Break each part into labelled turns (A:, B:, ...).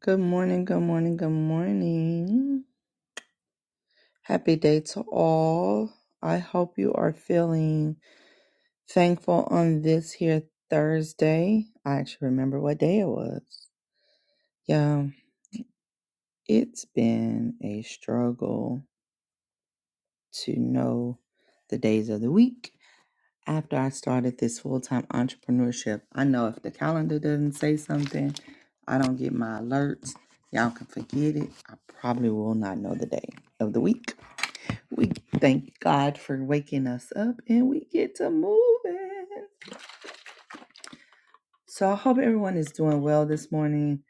A: Good morning, good morning, good morning. Happy day to all. I hope you are feeling thankful on this here Thursday. I actually remember what day it was. Yeah, it's been a struggle to know the days of the week after I started this full time entrepreneurship. I know if the calendar doesn't say something, I don't get my alerts. Y'all can forget it. I probably will not know the day of the week We thank God for waking us up and we get to moving. So I hope everyone is doing well this morning.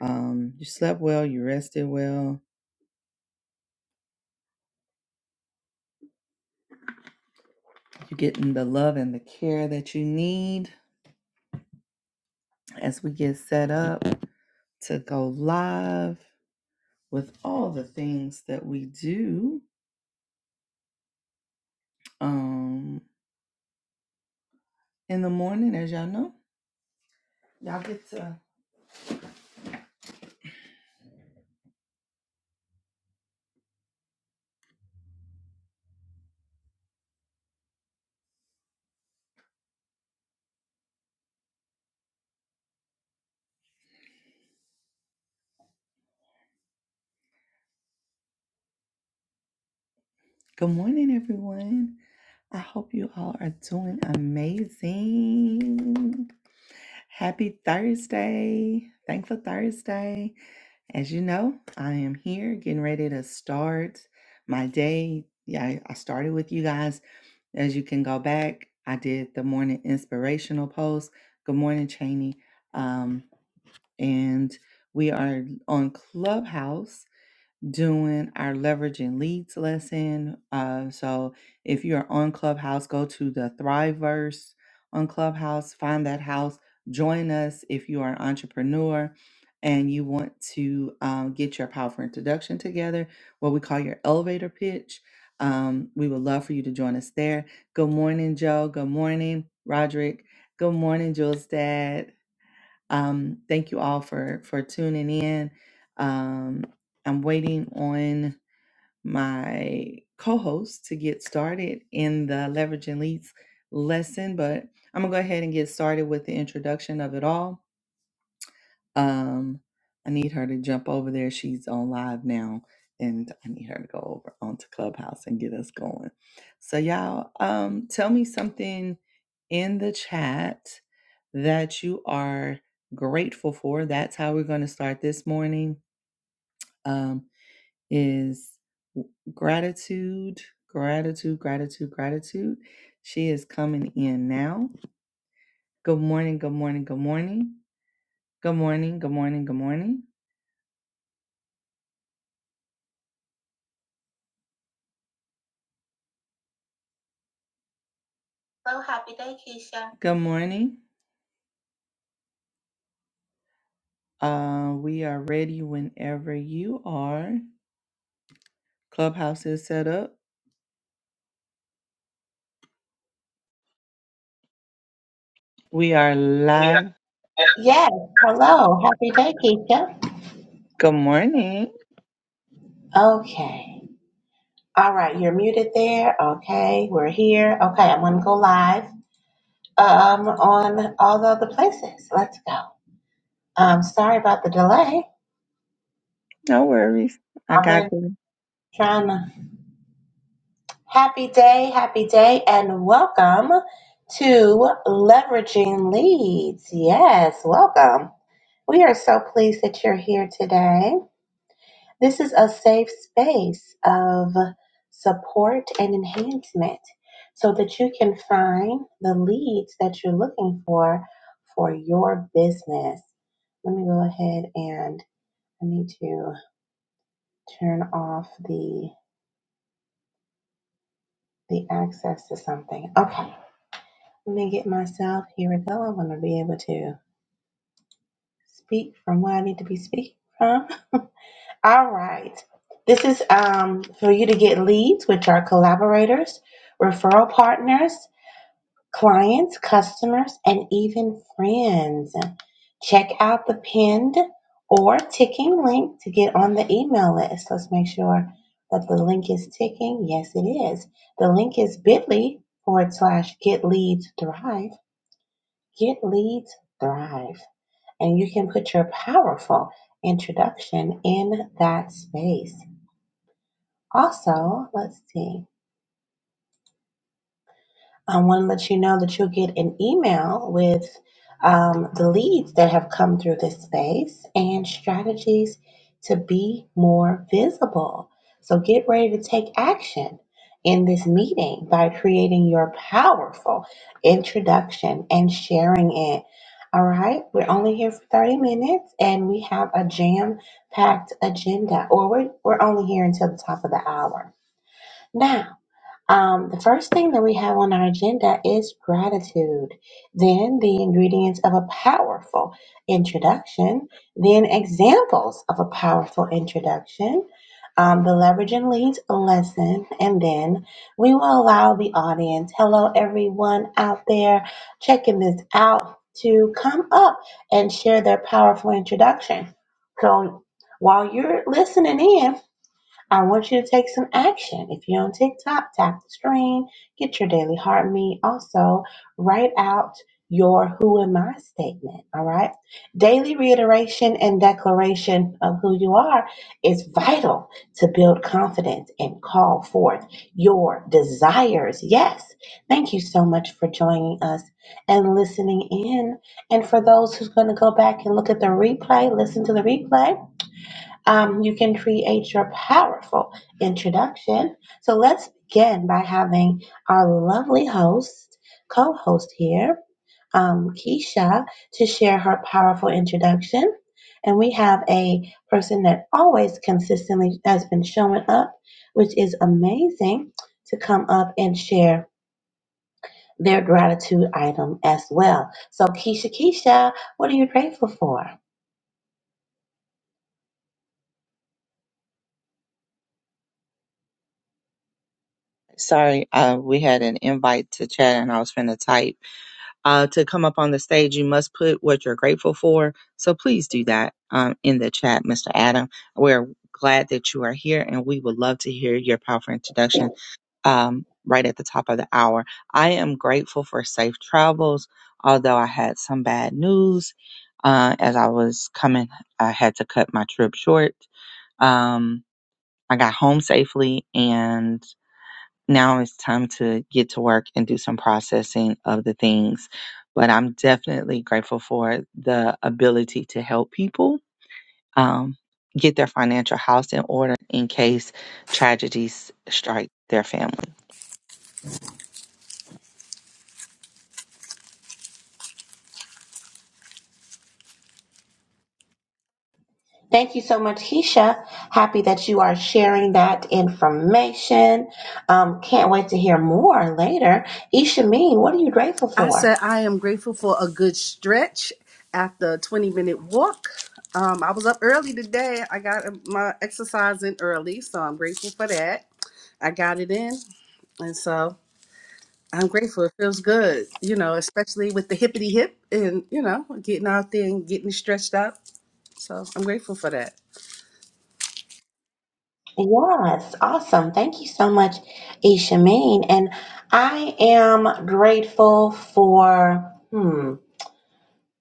A: Um, you slept well, you rested well, you're getting the love and the care that you need as we get set up to go live with all the things that we do um, in the morning, as y'all know. Y'all get to. Good morning, everyone. I hope you all are doing amazing. Happy Thursday. Thankful Thursday. As you know, I am here getting ready to start my day. Yeah, I I started with you guys. As you can go back, I did the morning inspirational post. Good morning, Cheney. Um, and we are on Clubhouse doing our leverage and leads lesson. Uh, so if you're on Clubhouse, go to the Thriveverse on Clubhouse, find that house, join us if you are an entrepreneur and you want to um, get your powerful introduction together, what we call your elevator pitch. Um, we would love for you to join us there. Good morning, Joe. Good morning, Roderick. Good morning, Jules Dad. Um, thank you all for for tuning in. Um, I'm waiting on my co-host to get started in the leverage and leads lesson, but I'm gonna go ahead and get started with the introduction of it all. Um, I need her to jump over there. She's on live now, and I need her to go over onto Clubhouse and get us going. So, y'all, um, tell me something in the chat that you are grateful for. That's how we're going to start this morning. Um, is gratitude, gratitude, gratitude, gratitude. She is coming in now. Good morning, good morning, good morning. Good morning, good morning, good morning. Good morning. Uh, we are ready whenever you are. Clubhouse is set up. We are live.
B: Yes, hello. Happy day, Keisha.
A: Good morning.
B: Okay. All right, you're muted there. Okay, we're here. Okay, I'm gonna go live um on all the other places. Let's go. Um, sorry about the delay.
A: No worries. I
B: I've
A: got
B: been
A: you.
B: trying to happy day, happy day, and welcome to Leveraging Leads. Yes, welcome. We are so pleased that you're here today. This is a safe space of support and enhancement so that you can find the leads that you're looking for for your business. Let me go ahead and I need to turn off the the access to something. Okay. Let me get myself here we go. I'm gonna be able to speak from where I need to be speaking from. All right. This is um, for you to get leads, which are collaborators, referral partners, clients, customers, and even friends. Check out the pinned or ticking link to get on the email list. Let's make sure that the link is ticking. Yes, it is. The link is bit.ly forward slash get leads thrive. Get leads thrive. And you can put your powerful introduction in that space. Also, let's see. I want to let you know that you'll get an email with um, the leads that have come through this space and strategies to be more visible. So get ready to take action in this meeting by creating your powerful introduction and sharing it. All right, we're only here for 30 minutes and we have a jam packed agenda, or we're, we're only here until the top of the hour. Now, Um, the first thing that we have on our agenda is gratitude, then the ingredients of a powerful introduction, then examples of a powerful introduction, um, the leverage and leads lesson, and then we will allow the audience, hello everyone out there checking this out, to come up and share their powerful introduction. So while you're listening in, I want you to take some action. If you're on TikTok, tap the screen, get your daily heart meet. Also, write out your who am I statement. All right. Daily reiteration and declaration of who you are is vital to build confidence and call forth your desires. Yes. Thank you so much for joining us and listening in. And for those who's going to go back and look at the replay, listen to the replay um, you can create your powerful introduction. So let's begin by having our lovely host, co host here, um, Keisha, to share her powerful introduction. And we have a person that always consistently has been showing up, which is amazing, to come up and share their gratitude item as well. So, Keisha, Keisha, what are you grateful for?
A: Sorry, uh, we had an invite to chat and I was finna type. Uh, to come up on the stage, you must put what you're grateful for. So please do that um, in the chat, Mr. Adam. We're glad that you are here and we would love to hear your powerful introduction um, right at the top of the hour. I am grateful for safe travels, although I had some bad news uh, as I was coming. I had to cut my trip short. Um, I got home safely, and now it's time to get to work and do some processing of the things. But I'm definitely grateful for the ability to help people. Um, Get their financial house in order in case tragedies strike their family.
B: Thank you so much, Keisha. Happy that you are sharing that information. Um, can't wait to hear more later. Isha Mean, what are you grateful
C: I
B: for?
C: said I am grateful for a good stretch after a 20 minute walk. Um, I was up early today. I got my exercise in early, so I'm grateful for that. I got it in, and so I'm grateful. It feels good, you know, especially with the hippity hip and, you know, getting out there and getting stretched up. So I'm grateful for that.
B: Yes, awesome. Thank you so much, Isha Mean. And I am grateful for. Hmm.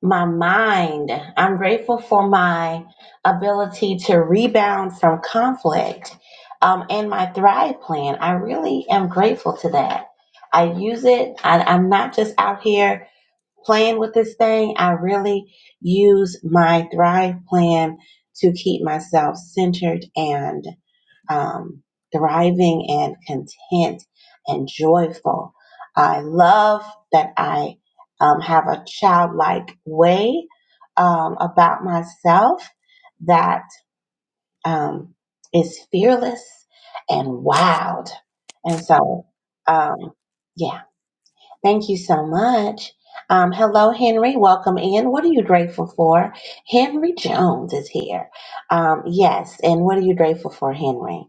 B: my mind. I'm grateful for my ability to rebound from conflict um, and my Thrive plan. I really am grateful to that. I use it, I, I'm not just out here playing with this thing. I really use my Thrive plan to keep myself centered and um, thriving and content and joyful. I love that I um, have a childlike way um, about myself that um, is fearless and wild. And so, um, yeah. Thank you so much. Um, hello, Henry. Welcome in. What are you grateful for? Henry Jones is here. Um, yes. And what are you grateful for, Henry?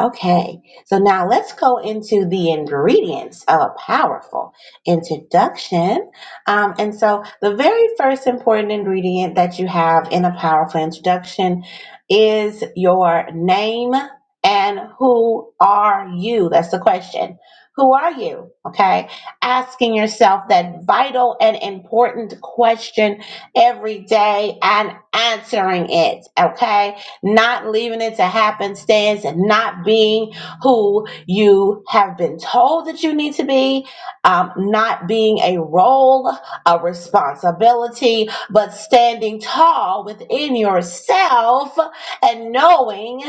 B: Okay. So now let's go into the ingredients of a powerful introduction. Um, and so the very first important ingredient that you have in a powerful introduction is your name and who are you? That's the question. Who are you? Okay asking yourself that vital and important question every day and answering it, okay? Not leaving it to happenstance and not being who you have been told that you need to be, um, not being a role, a responsibility, but standing tall within yourself and knowing.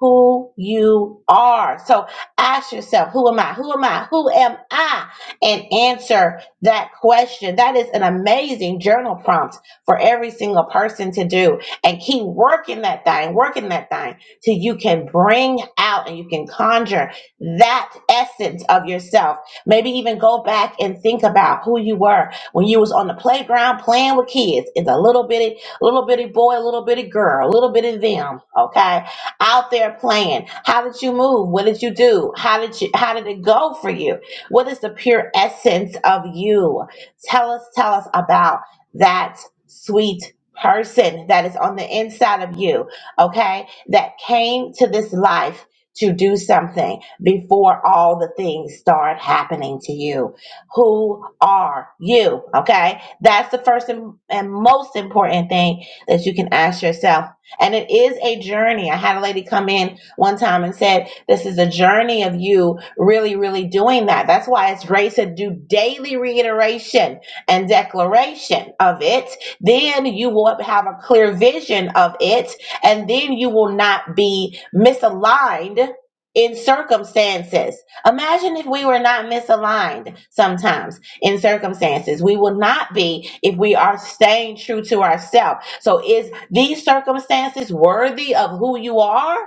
B: Who you are. So ask yourself, who am I? Who am I? Who am I? and answer that question. That is an amazing journal prompt for every single person to do and keep working that thing, working that thing till you can bring out and you can conjure that essence of yourself. Maybe even go back and think about who you were when you was on the playground playing with kids. It's a little bitty, little bitty boy, little bitty girl, little bitty them, okay? Out there playing. How did you move? What did you do? How did you how did it go for you? What is the pure essence of you? Tell us, tell us about that sweet person that is on the inside of you, okay? That came to this life to do something before all the things start happening to you. Who are you? Okay? That's the first and, and most important thing that you can ask yourself. And it is a journey. I had a lady come in one time and said, this is a journey of you really, really doing that. That's why it's great to do daily reiteration and declaration of it. Then you will have a clear vision of it, and then you will not be misaligned in circumstances. Imagine if we were not misaligned sometimes in circumstances. We will not be if we are staying true to ourselves. So is these circumstances worthy of who you are?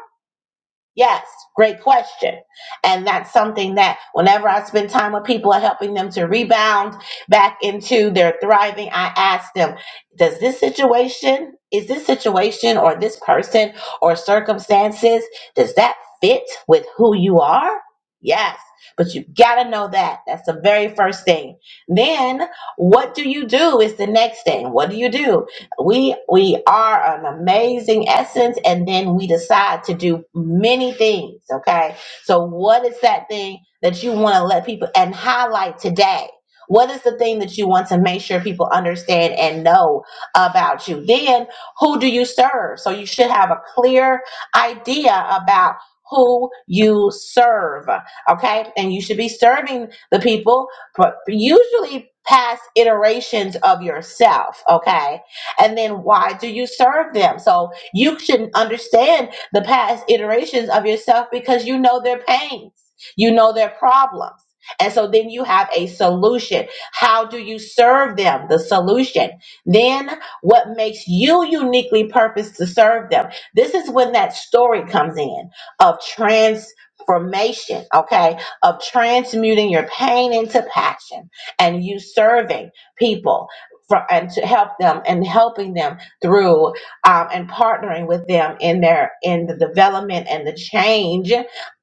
B: Yes, great question. And that's something that whenever I spend time with people and helping them to rebound back into their thriving, I ask them, does this situation, is this situation or this person or circumstances, does that fit with who you are? Yes, but you got to know that. That's the very first thing. Then what do you do is the next thing. What do you do? we we are an amazing essence and then we decide to do many things okay so what is that thing that you want to let people and highlight today what is the thing that you want to make sure people understand and know about you then who do you serve so you should have a clear idea about who you serve okay and you should be serving the people but usually past iterations of yourself okay and then why do you serve them? So you should understand the past iterations of yourself because you know their pains, you know their problems. And so then you have a solution. How do you serve them? The solution. Then what makes you uniquely purposed to serve them? This is when that story comes in of transformation, okay? Of transmuting your pain into passion and you serving people for, and to help them and helping them through um, and partnering with them in their in the development and the change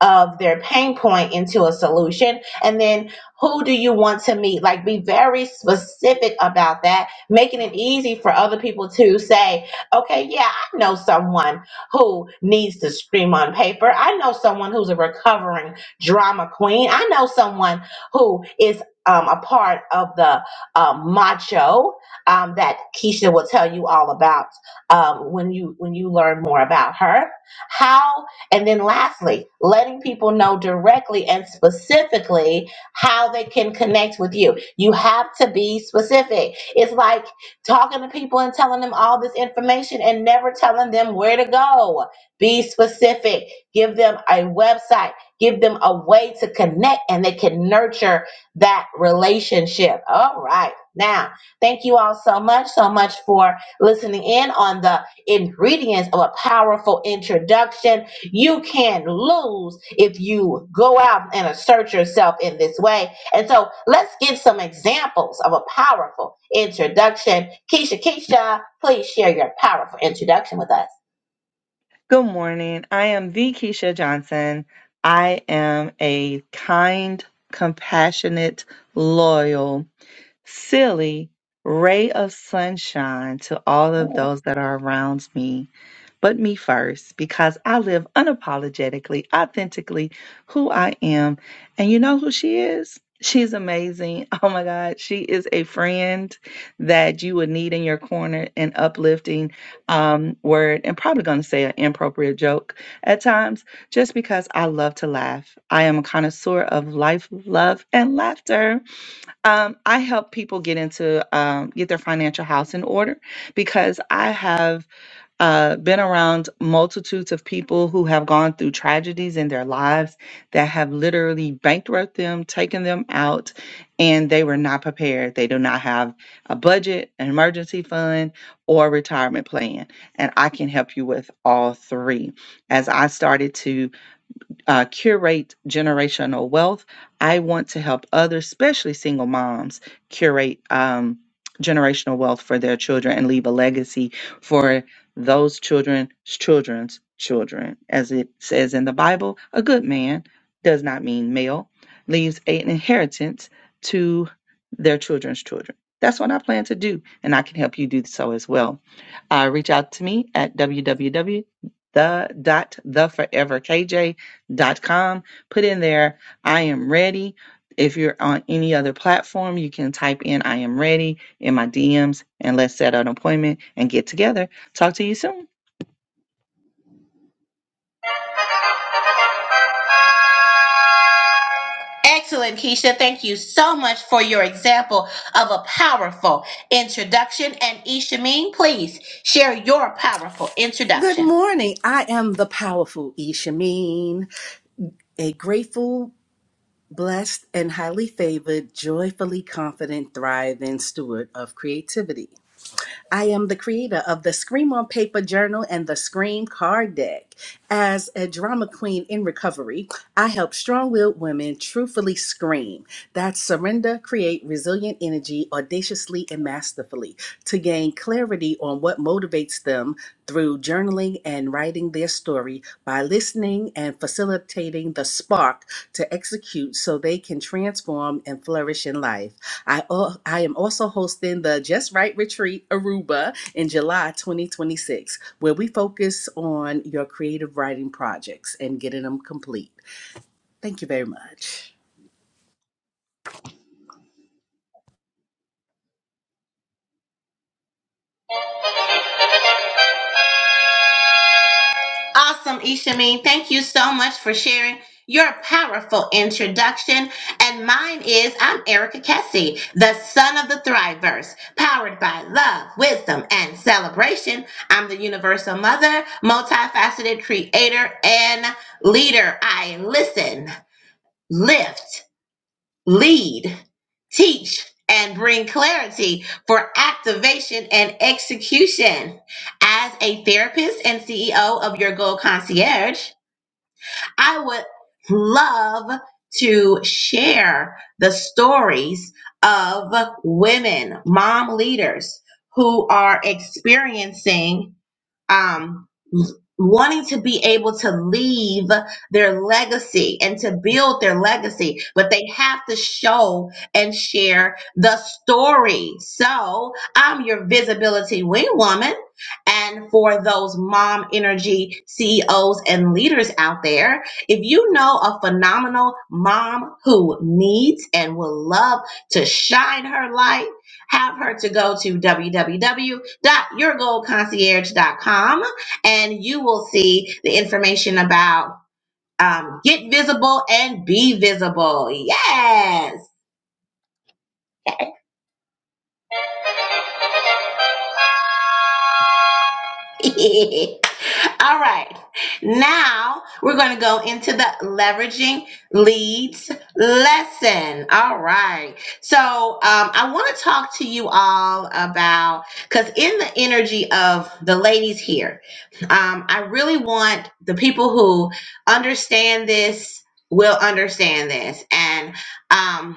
B: of their pain point into a solution and then who do you want to meet like be very specific about that making it easy for other people to say okay yeah i know someone who needs to scream on paper i know someone who's a recovering drama queen i know someone who is um, a part of the uh, macho um, that Keisha will tell you all about um, when you when you learn more about her. How and then lastly, letting people know directly and specifically how they can connect with you. You have to be specific. It's like talking to people and telling them all this information and never telling them where to go. Be specific. Give them a website. Give them a way to connect, and they can nurture that relationship. All right, now. Thank you all so much, so much for listening in on the ingredients of a powerful introduction. You can't lose if you go out and assert yourself in this way. And so let's give some examples of a powerful introduction. Keisha, Keisha, please share your powerful introduction with us.
A: Good morning. I am the Keisha Johnson. I am a kind, compassionate, loyal, silly ray of sunshine to all of those that are around me. but me first because I live unapologetically, authentically who I am. And you know who she is? She's amazing. Oh my God. She is a friend that you would need in your corner, an uplifting um, word, and probably going to say an inappropriate joke at times, just because I love to laugh. I am a connoisseur of life, love, and laughter. Um, I help people get into um, get their financial house in order because I have uh, been around multitudes of people who have gone through tragedies in their lives that have literally bankrupted them, taken them out, and they were not prepared. They do not have a budget, an emergency fund, or a retirement plan. And I can help you with all three. As I started to uh, curate generational wealth. I want to help others, especially single moms, curate um, generational wealth for their children and leave a legacy for those children's children's children. As it says in the Bible, a good man does not mean male, leaves an inheritance to their children's children. That's what I plan to do, and I can help you do so as well. Uh, reach out to me at www The dot the dot com. Put in there, I am ready. If you're on any other platform, you can type in, I am ready in my DMs and let's set an appointment and get together. Talk to you soon.
B: Excellent, Keisha. Thank you so much for your example of a powerful introduction. And Ishameen, please share your powerful
C: Good
B: introduction.
C: morning. I am the powerful Ishameen, a grateful Blessed and highly favored, joyfully confident, thriving steward of creativity. I am the creator of the Scream on Paper Journal and the Scream Card Deck. As a drama queen in recovery, I help strong willed women truthfully scream. That's surrender, create resilient energy audaciously and masterfully to gain clarity on what motivates them through journaling and writing their story by listening and facilitating the spark to execute so they can transform and flourish in life. I, uh, I am also hosting the Just Right Retreat Aruba in July 2026, where we focus on your creative writing projects and getting them complete. Thank you very much.
B: Awesome, Ishameen. Thank you so much for sharing your powerful introduction. And mine is I'm Erica Kessie, the son of the Thriverse, powered by love, wisdom, and celebration. I'm the universal mother, multifaceted creator, and leader. I listen, lift. lead, teach, and bring clarity for activation and execution. As a therapist and CEO of Your Goal Concierge, I would love to share the stories of women, mom leaders who are experiencing um, wanting to be able to leave their legacy and to build their legacy, but they have to show and share the story. So I'm your visibility wing woman. And for those mom energy CEOs and leaders out there, if you know a phenomenal mom who needs and will love to shine her light, have her to go to w w w dot your goal concierge dot com, and you will see the information about um, get visible and be visible. Yes. All right. Now we're going to go into the leveraging leads lesson. All right. So um, I want to talk to you all about, because in the energy of the ladies here, um, I really want the people who understand this will understand this. And um,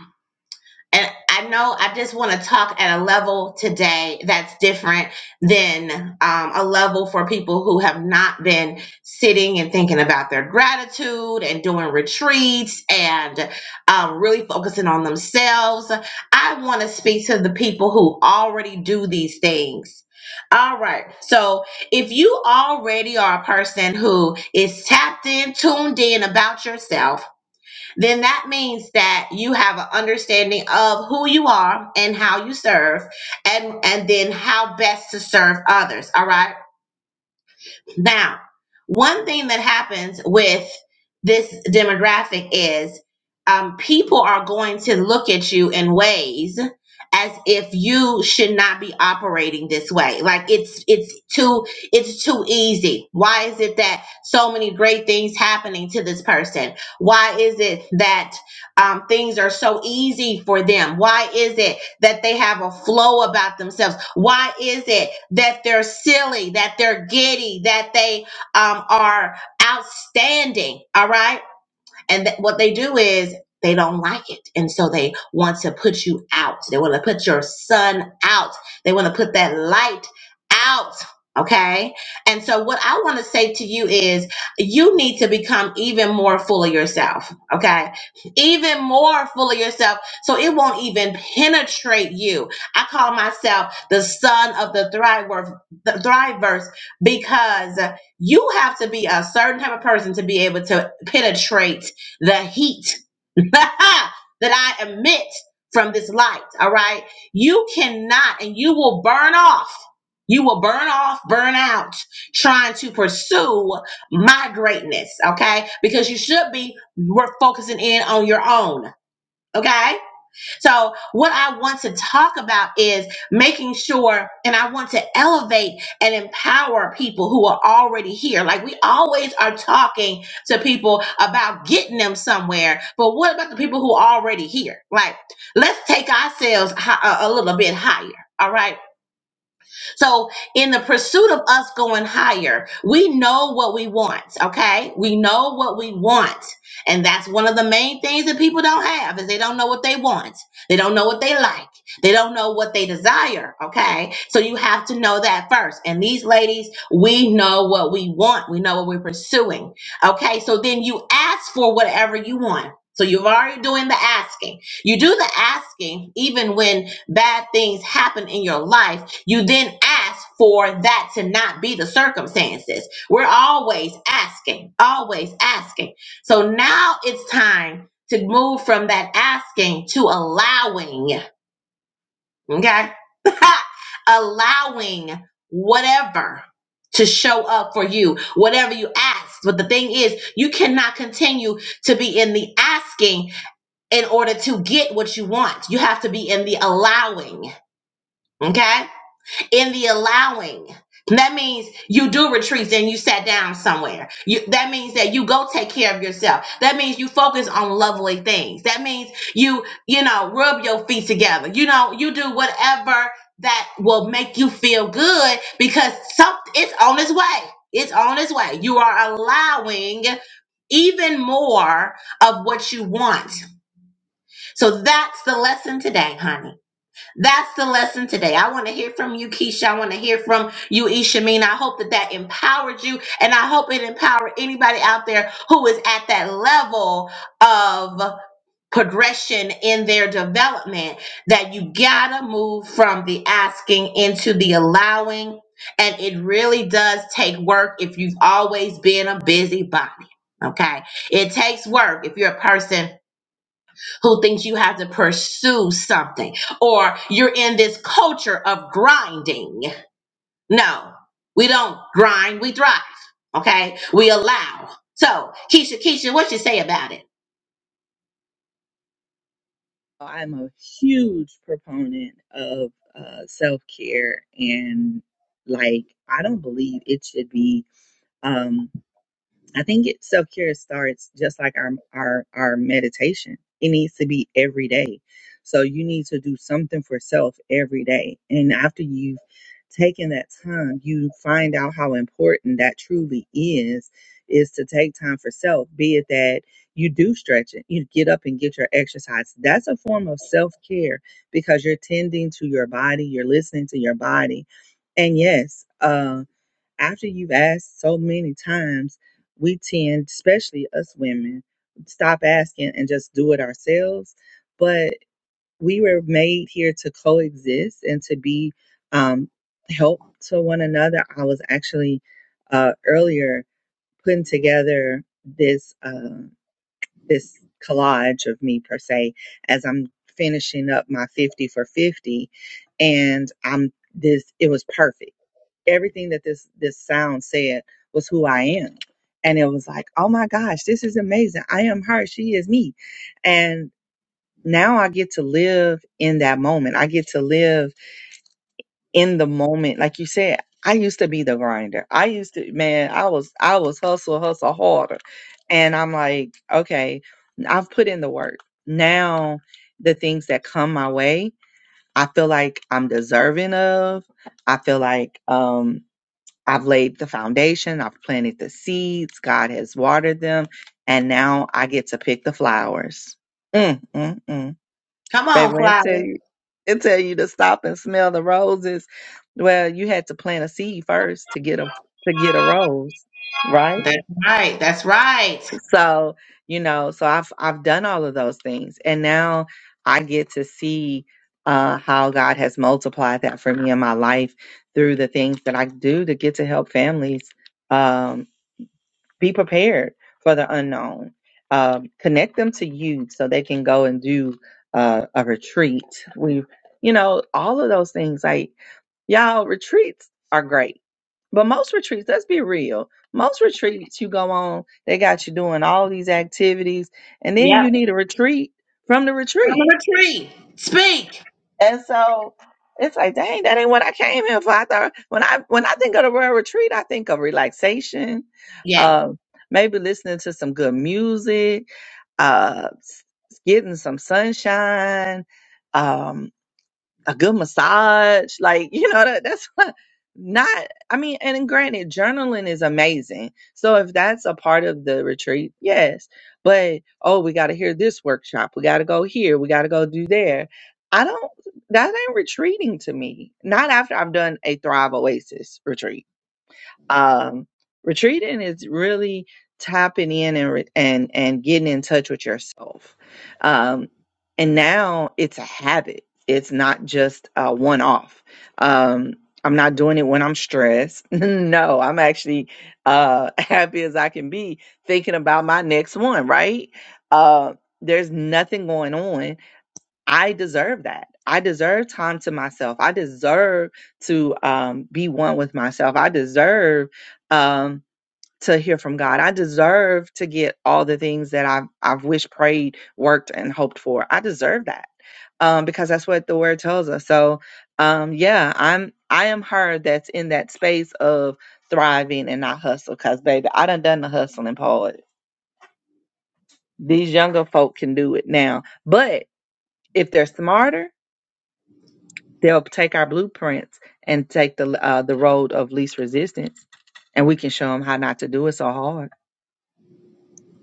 B: and I know I just want to talk at a level today that's different than um, a level for people who have not been sitting and thinking about their gratitude and doing retreats and um, really focusing on themselves. I want to speak to the people who already do these things. All right. So if you already are a person who is tapped in, tuned in about yourself, then that means that you have an understanding of who you are and how you serve and and then how best to serve others all right now one thing that happens with this demographic is um, people are going to look at you in ways as if you should not be operating this way like it's it's too it's too easy why is it that so many great things happening to this person why is it that um, things are so easy for them? Why is it that they have a flow about themselves? Why is it that they're silly, that they're giddy, that they um, are outstanding? All right. And th- what they do is they don't like it. And so they want to put you out. They want to put your sun out. They want to put that light out. Okay. And so what I want to say to you is you need to become even more full of yourself. Okay. Even more full of yourself. So it won't even penetrate you. I call myself the son of the thriver, the thriverse because you have to be a certain type of person to be able to penetrate the heat that I emit from this light. All right. You cannot, and you will burn off. You will burn off, burn out trying to pursue my greatness. Okay. Because you should be we're focusing in on your own. Okay. So, what I want to talk about is making sure, and I want to elevate and empower people who are already here. Like, we always are talking to people about getting them somewhere, but what about the people who are already here? Like, let's take ourselves hi- a a little bit higher. All right so, in the pursuit of us going higher, we know what we want, okay? We know what we want. And that's one of the main things that people don't have is they don't know what they want. They don't know what they like. They don't know what they desire, okay? So you have to know that first. And these ladies, we know what we want. We know what we're pursuing. Okay? So then you ask for whatever you want. So you've already doing the asking. You do the asking even when bad things happen in your life you then ask for that to not be the circumstances. We're always asking, always asking. So now it's time to move from that asking to allowing, okay? allowing whatever to show up for you, whatever you ask. But the thing is, you cannot continue to be in the asking in order to get what you want. You have to be in the allowing, okay? in the allowing. That means you do retreats and you sat down somewhere. You, that means that you go take care of yourself. That means you focus on lovely things. That means you, you know, rub your feet together. You know, you do whatever that will make you feel good because some, it's on its way. It's on its way. You are allowing even more of what you want. So that's the lesson today, honey that's the lesson today. I want to hear from you, Keisha. I want to hear from you, Ishameen. I hope that that empowered you, and I hope it empowered anybody out there who is at that level of progression in their development. That you gotta move from the asking into the allowing, and it really does take work if you've always been a busybody. Okay, it takes work if you're a person who thinks you have to pursue something or you're in this culture of grinding. No, we don't grind, we thrive. Okay? We allow. So, Keisha, Keisha, what you say about it?
A: Well, I'm a huge proponent of uh, self care, and like I don't believe it should be. Um, I think it self care starts just like our our our meditation. It needs to be every day. So you need to do something for self every day. And after you've taken that time, you find out how important that truly is is to take time for self, be it that you do stretch it, you get up and get your exercise. That's a form of self-care because you're tending to your body, you're listening to your body. And yes, uh, after you've asked so many times, we tend, especially us women, stop asking and just do it ourselves. But we were made here to coexist and to be um, help to one another. I was actually uh, earlier putting together this uh, this collage of me per se as I'm finishing up my 50 for 50 and I'm this it was perfect everything that this this sound said was who I am. And it was like, oh my gosh, this is amazing. I am her. She is me. And now I get to live in that moment. I get to live in the moment. Like you said, I used to be the grinder. I used to, man, I was, I was hustle, hustle harder. And I'm like, okay, I've put in the work. Now the things that come my way, I feel like I'm deserving of. I feel like, um I've laid the foundation, I've planted the seeds, God has watered them, and now I get to pick the flowers. Mm, mm, mm.
B: Come
A: Baby,
B: on,
A: when it tell
B: flower.
A: you, it tell you to stop and smell the roses. Well, you had to plant a seed first to get a to get a rose, right?
B: That's right. That's right.
A: So you know, so I've I've done all of those things, and now I get to see uh, how God has multiplied that for me in my life through the things that I do to get to help families Um, be prepared for the unknown. Um, connect them to you so they can go and do uh, a retreat. We, you know, all of those things. Like y'all, retreats are great, but most retreats, let's be real, most retreats you go on, they got you doing all these activities, and then
B: Yep.
A: you need a retreat from the
B: Come
A: retreat
B: on a tree. Speak.
A: and so it's like, dang, that ain't what I came here for. I thought when I when I think of the Royal Retreat, I think of relaxation,
B: Yes.
A: um, maybe listening to some good music, uh, s- getting some sunshine. Um, a good massage. Like, you know, that, that's what- not, I mean, and granted, journaling is amazing. So if that's a part of the retreat, yes. But, oh, we got to hear this workshop. We got to go here. We got to go do there. I don't, that ain't retreating to me. Not after I've done a Thrive Oasis retreat um, retreating is really tapping in and re- and and getting in touch with yourself. Um, and now it's a habit. It's not just a one off. Um, I'm not doing it when I'm stressed. no, I'm actually uh, happy as I can be thinking about my next one. Right? Uh, there's nothing going on I deserve that. I deserve time to myself. I deserve to um, be one with myself. I deserve um, to hear from God. I deserve to get all the things that I've, I've wished, prayed, worked, and hoped for. I deserve that um, because that's what the Word tells us. So, um, yeah, I'm I am her that's in that space of thriving and not hustle. Because baby, I done done the hustling part. These younger folk can do it now, but if they're smarter They'll take our blueprints and take the uh, the road of least resistance, and we can show them how not to do it so hard.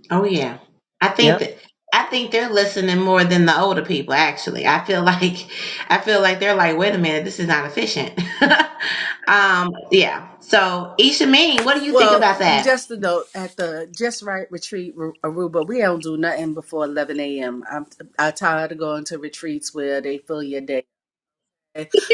B: Oh yeah. I think
A: Yep.
B: that I think they're listening more than the older people actually. I feel like I feel like they're like, wait a minute, this is not efficient. um, yeah. So Isha Mean, what do you think
C: Well,
B: about that?
C: just a note at the Just Right Retreat Ru- Aruba, we don't do nothing before 11 a.m. am I'm I'm tired of going to retreats where they fill your day.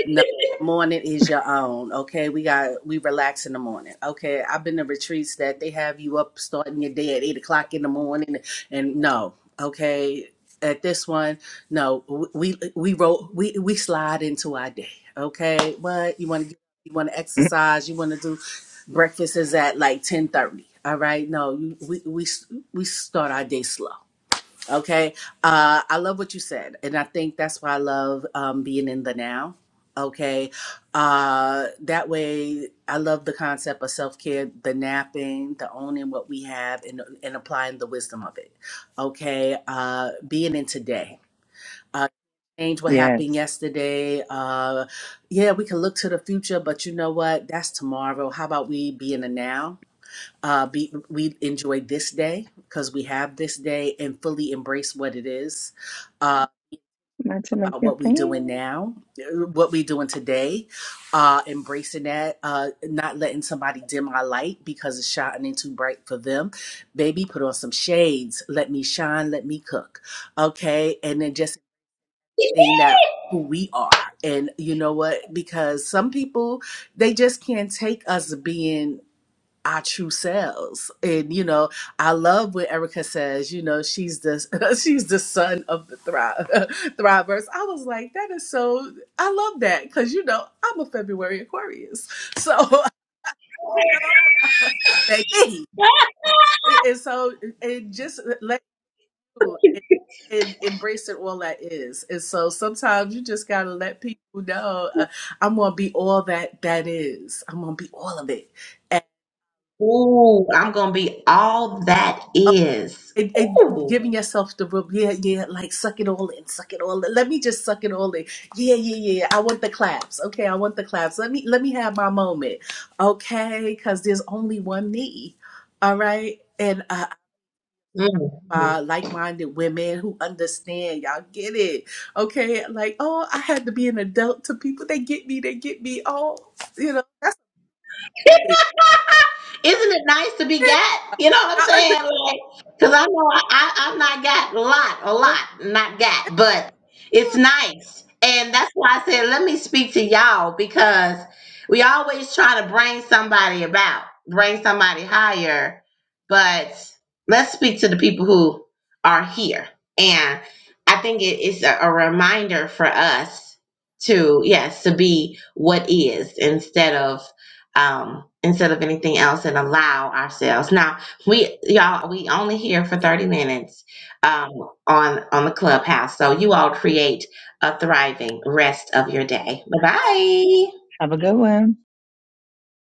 C: No, the morning is your own. Okay, we got we relax in the morning. Okay, I've been to retreats that they have you up starting your day at eight o'clock in the morning, and no, okay. At this one, no, we we roll we we slide into our day. Okay, what you want to you want to exercise, you want to do breakfast is at like ten thirty. All right, no, you, we we we start our day slow. Okay. Uh, I love what you said. And I think that's why I love um, being in the now. Okay. Uh, that way, I love the concept of self care, the napping, the owning what we have, and, and applying the wisdom of it. Okay. Uh, being in today. Uh, change what happened
A: Yes.
C: yesterday. Uh, yeah, we can look to the future, but you know what? That's tomorrow. How about we be in the now? uh, be, we enjoy this day because we have this day and fully embrace what it is uh,
A: Not to make
C: about
A: your
C: what we doing
A: fan.
C: now, uh, what we doing today, uh, embracing that, uh, not letting somebody dim my light because it's shining too bright for them. Baby, put on some shades. Let me shine. Let me cook. Okay, and then just seeing that who we are and you know what because some people they just can't take us being our true selves. And you know, I love what Erica says, you know, she's the she's the son of the thrive thrivers. I was like, that is so I love that because you know I'm a February Aquarius. So I know baby. And and so and just let you and, and embrace it all that is. And so sometimes you just gotta let people know uh, I'm gonna be all that that is. I'm gonna be all of it.
B: Ooh, I'm gonna be all that is.
C: it, it,
B: Ooh.
C: giving yourself the room, yeah, yeah, like suck it all in, suck it all in. Let me just suck it all in. Yeah, yeah, yeah. yeah. I want the claps. Okay, I want the claps. Let me let me have my moment. Okay, because there's only one me. All right. And uh
B: Mm-hmm.
C: uh, like-minded women who understand y'all get it okay like oh i had to be an adult to people they get me they get me oh you know that's it.
B: Isn't it nice to be got? You know what I'm
C: y'all understand
B: saying? Like, cause I know I, I I've not got a lot, a lot, not got, but it's nice, and that's why I said let me speak to y'all because we always try to bring somebody about, bring somebody higher, but let's speak to the people who are here, and I think it is a, a reminder for us to yes to be what is instead of um, instead of anything else and allow ourselves. Now we y'all we only here for
C: yeah.
B: 30 minutes um, on on the clubhouse. So you all create a thriving rest of your day. Bye
C: Yeah.
B: bye.
A: Have a good one.